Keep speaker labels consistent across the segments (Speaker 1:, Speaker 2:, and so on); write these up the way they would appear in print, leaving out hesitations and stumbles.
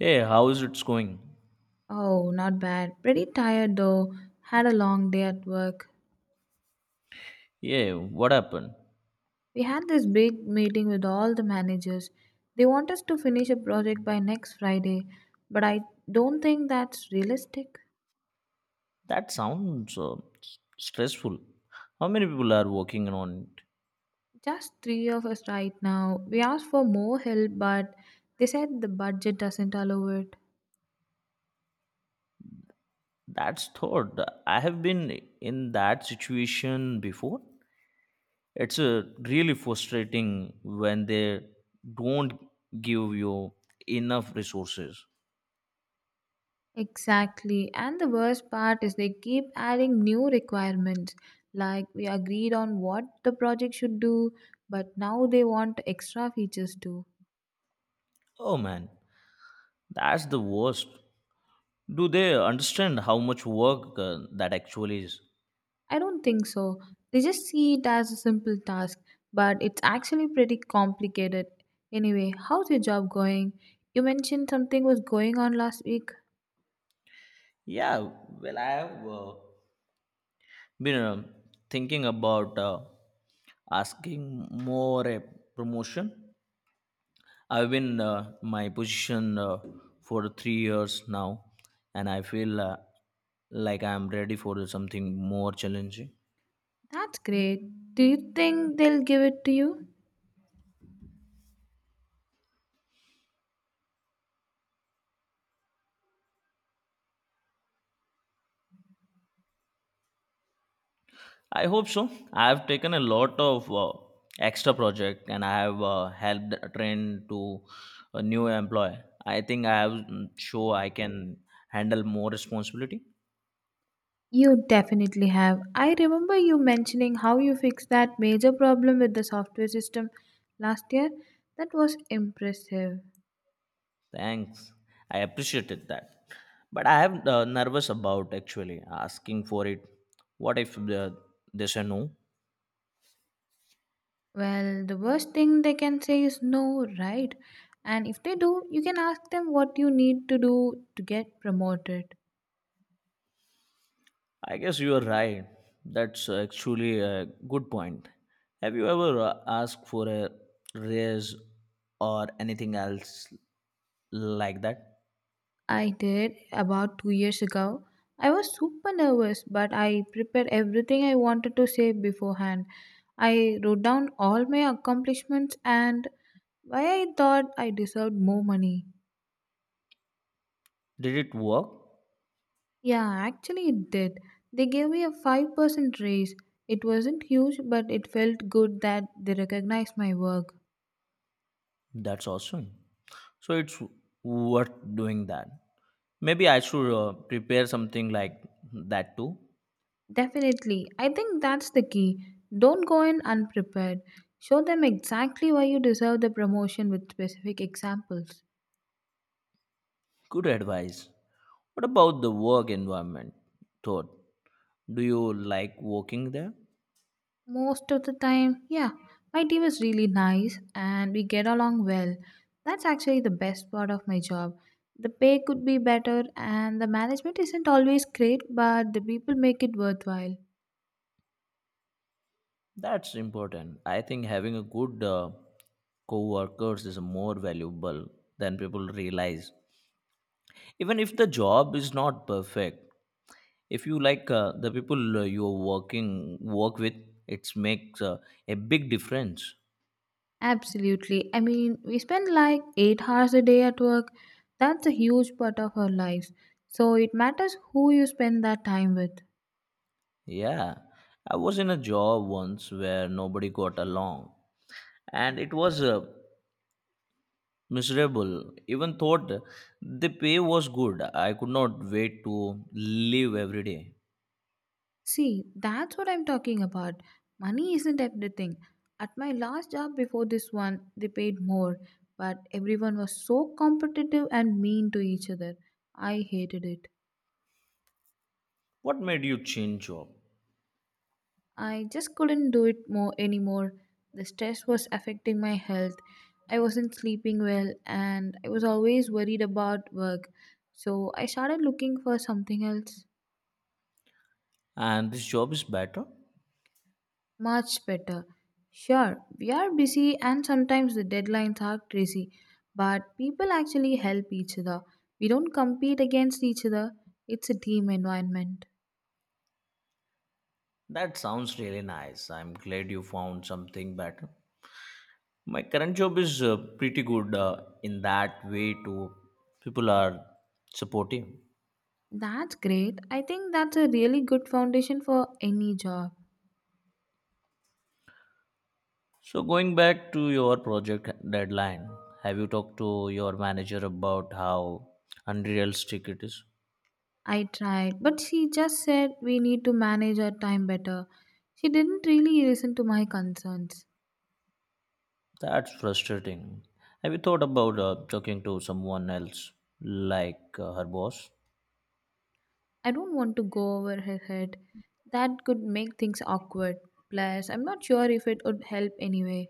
Speaker 1: Hey, how's it's going?
Speaker 2: Oh, not bad. Pretty tired though. Had a long day at work.
Speaker 1: Yeah, what happened?
Speaker 2: We had this big meeting with all the managers. They want us to finish a project by next Friday, but I don't think that's realistic.
Speaker 1: That sounds stressful. How many people are working on it?
Speaker 2: Just three of us right now. We asked for more help, but they said the budget doesn't allow it.
Speaker 1: That's thought. I have been in that situation before. It's really frustrating when they don't give you enough resources.
Speaker 2: Exactly. And the worst part is they keep adding new requirements. Like we agreed on what the project should do, but now they want extra features too.
Speaker 1: Oh man, that's the worst. Do they understand how much work that actually is?
Speaker 2: I don't think so. They just see it as a simple task, but it's actually pretty complicated. Anyway, how's your job going? You mentioned something was going on last week.
Speaker 1: Yeah, well, I have. Been thinking about asking more a promotion. I've been my position for 3 years now, and I feel like I'm ready for something more challenging.
Speaker 2: That's great. Do you think they'll give it to you?
Speaker 1: I hope so. I've taken a lot of extra project, and I have helped train to a new employee. I think I have show I can handle more responsibility.
Speaker 2: You definitely have. I remember you mentioning how you fixed that major problem with the software system last year. That was impressive.
Speaker 1: Thanks. I appreciated that. But I am nervous about actually asking for it. What if they say no?
Speaker 2: Well, the worst thing they can say is no, right? And if they do, you can ask them what you need to do to get promoted.
Speaker 1: I guess you are right. That's actually a good point. Have you ever asked for a raise or anything else like that?
Speaker 2: I did about 2 years ago. I was super nervous, but I prepared everything I wanted to say beforehand. I wrote down all my accomplishments and why I thought I deserved more money.
Speaker 1: Did it work?
Speaker 2: Yeah, actually, it did. They gave me a 5% raise. It wasn't huge, but it felt good that they recognized my work.
Speaker 1: That's awesome. So it's worth doing that. Maybe I should prepare something like that too.
Speaker 2: Definitely. I think that's the key. Don't go in unprepared. Show them exactly why you deserve the promotion with specific examples.
Speaker 1: Good advice. What about the work environment? Thought, do you like working there?
Speaker 2: Most of the time, yeah, my team is really nice and we get along well. That's actually the best part of my job. The pay could be better and the management isn't always great, but the people make it worthwhile.
Speaker 1: That's important. I think having a good co-workers is more valuable than people realize. Even if the job is not perfect, if you like the people you are working work with, it makes a big difference.
Speaker 2: Absolutely. I mean, we spend like 8 hours a day at work. That's a huge part of our lives. So it matters who you spend that time with.
Speaker 1: Yeah, I was in a job once where nobody got along and it was miserable even thought the pay was good. I could not wait to live every day.
Speaker 2: See, that's what I'm talking about. Money isn't everything. At my last job before this one, they paid more, but everyone was so competitive and mean to each other. I hated it.
Speaker 1: What made you change job?
Speaker 2: I just couldn't do it more anymore. The stress was affecting my health. I wasn't sleeping well and I was always worried about work. So I started looking for something else
Speaker 1: And this job is better?
Speaker 2: much better. Sure, we are busy and sometimes the deadlines are crazy, but people actually help each other. We don't compete against each other. It's a team environment.
Speaker 1: That sounds really nice. I'm glad you found something better. My current job is pretty good in that way too. People are supportive.
Speaker 2: That's great. I think that's a really good foundation for any job.
Speaker 1: So going back to your project deadline, have you talked to your manager about how unrealistic it is?
Speaker 2: I tried, but she just said we need to manage our time better. She didn't really listen to my concerns.
Speaker 1: That's frustrating. Have you thought about talking to someone else, like her boss?
Speaker 2: I don't want to go over her head. That could make things awkward. Plus, I'm not sure if it would help anyway.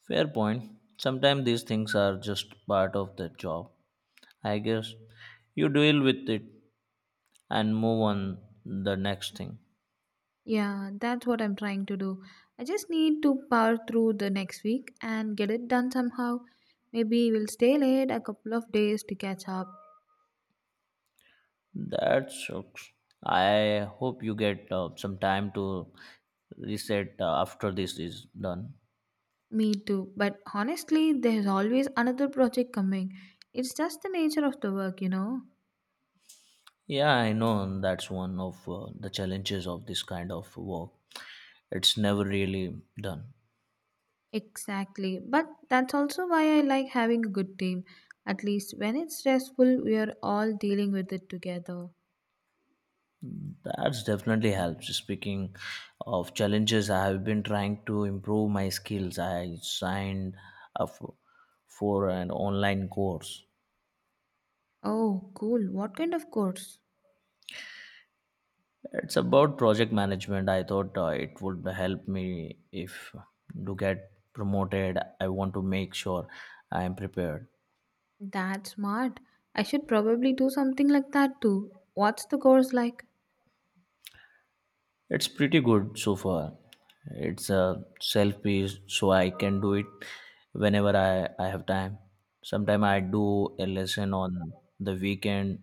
Speaker 1: Fair point. Sometimes these things are just part of the job. I guess you deal with it and move on the next thing.
Speaker 2: Yeah, that's what I'm trying to do. I just need to power through the next week and get it done somehow. Maybe we'll stay late a couple of days to catch up.
Speaker 1: That sucks. I hope you get some time to reset after this is done.
Speaker 2: Me too. But honestly, there's always another project coming. It's just the nature of the work,
Speaker 1: Yeah, I know that's one of the challenges of this kind of work. It's never really done.
Speaker 2: Exactly. But that's also why I like having a good team. At least when it's stressful, we are all dealing with it together.
Speaker 1: That's definitely helps. Speaking of challenges, I have been trying to improve my skills. I signed up for an online course.
Speaker 2: Oh, cool. What kind of course?
Speaker 1: It's about project management. I thought it would help me if to get promoted. I want to make sure I am prepared.
Speaker 2: That's smart. I should probably do something like that too. What's the course like?
Speaker 1: It's pretty good so far. It's a self piece, so I can do it whenever I have time. Sometimes I do a lesson on the weekend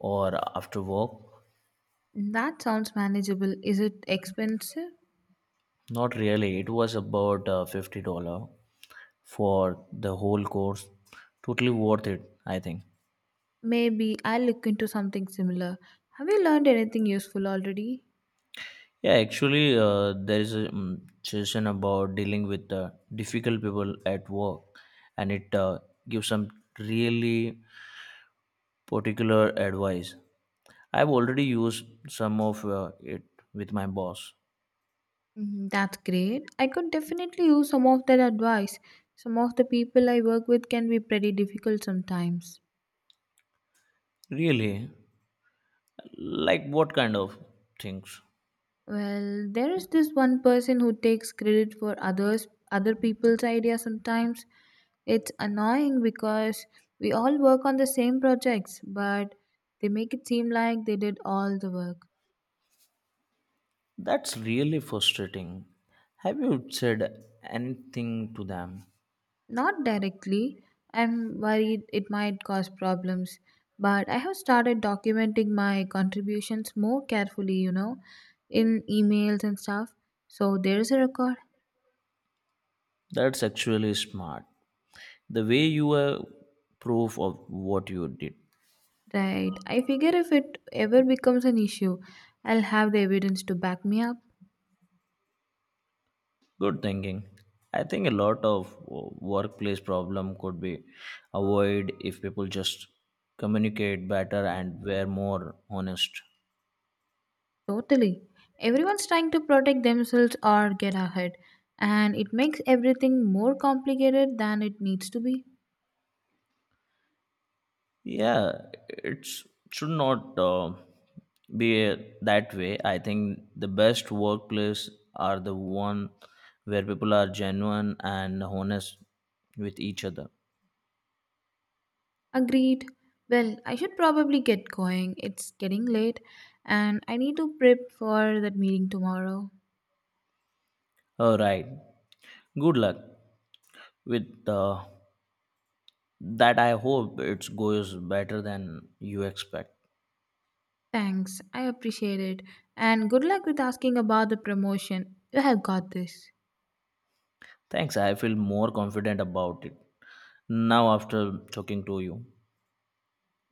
Speaker 1: or after work.
Speaker 2: That sounds manageable. Is it expensive?
Speaker 1: Not really, it was about $50 for the whole course. Totally worth it, I think.
Speaker 2: Maybe I'll look into something similar. Have you learned anything useful already?
Speaker 1: Yeah, actually, there is a session about dealing with difficult people at work, and it gives some really particular advice. I've already used some of it with my boss.
Speaker 2: Mhm, that's great. I could definitely use some of that advice. Some of the people I work with can be pretty difficult sometimes.
Speaker 1: Really? Like what kind of things?
Speaker 2: Well, there is this one person who takes credit for others other people's ideas sometimes. It's annoying because we all work on the same projects, but they make it seem like they did all the work.
Speaker 1: That's really frustrating. Have you said anything to them?
Speaker 2: Not directly. I'm worried it might cause problems, but I have started documenting my contributions more carefully, in emails and stuff. So there's a record.
Speaker 1: That's actually smart. The way you were proof of what you did.
Speaker 2: Right. I figure if it ever becomes an issue, I'll have the evidence to back me up.
Speaker 1: Good thinking. I think a lot of workplace problem could be avoided if people just communicate better and were more honest.
Speaker 2: Totally. Everyone's trying to protect themselves or get ahead, and it makes everything more complicated than it needs to be.
Speaker 1: Yeah, it's it should not be that way. I think the best workplace are the one where people are genuine and honest with each other.
Speaker 2: Agreed. Well, I should probably get going. It's getting late and I need to prep for that meeting tomorrow.
Speaker 1: All right, good luck with that. I hope it goes better than you expect.
Speaker 2: Thanks. I appreciate it. And good luck with asking about the promotion. You have got this.
Speaker 1: Thanks, I feel more confident about it now after talking to you.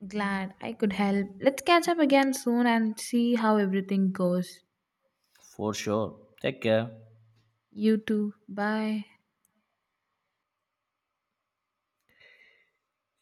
Speaker 2: Glad I could help. Let's catch up again soon and see how everything goes.
Speaker 1: For sure, take care.
Speaker 2: You too. Bye.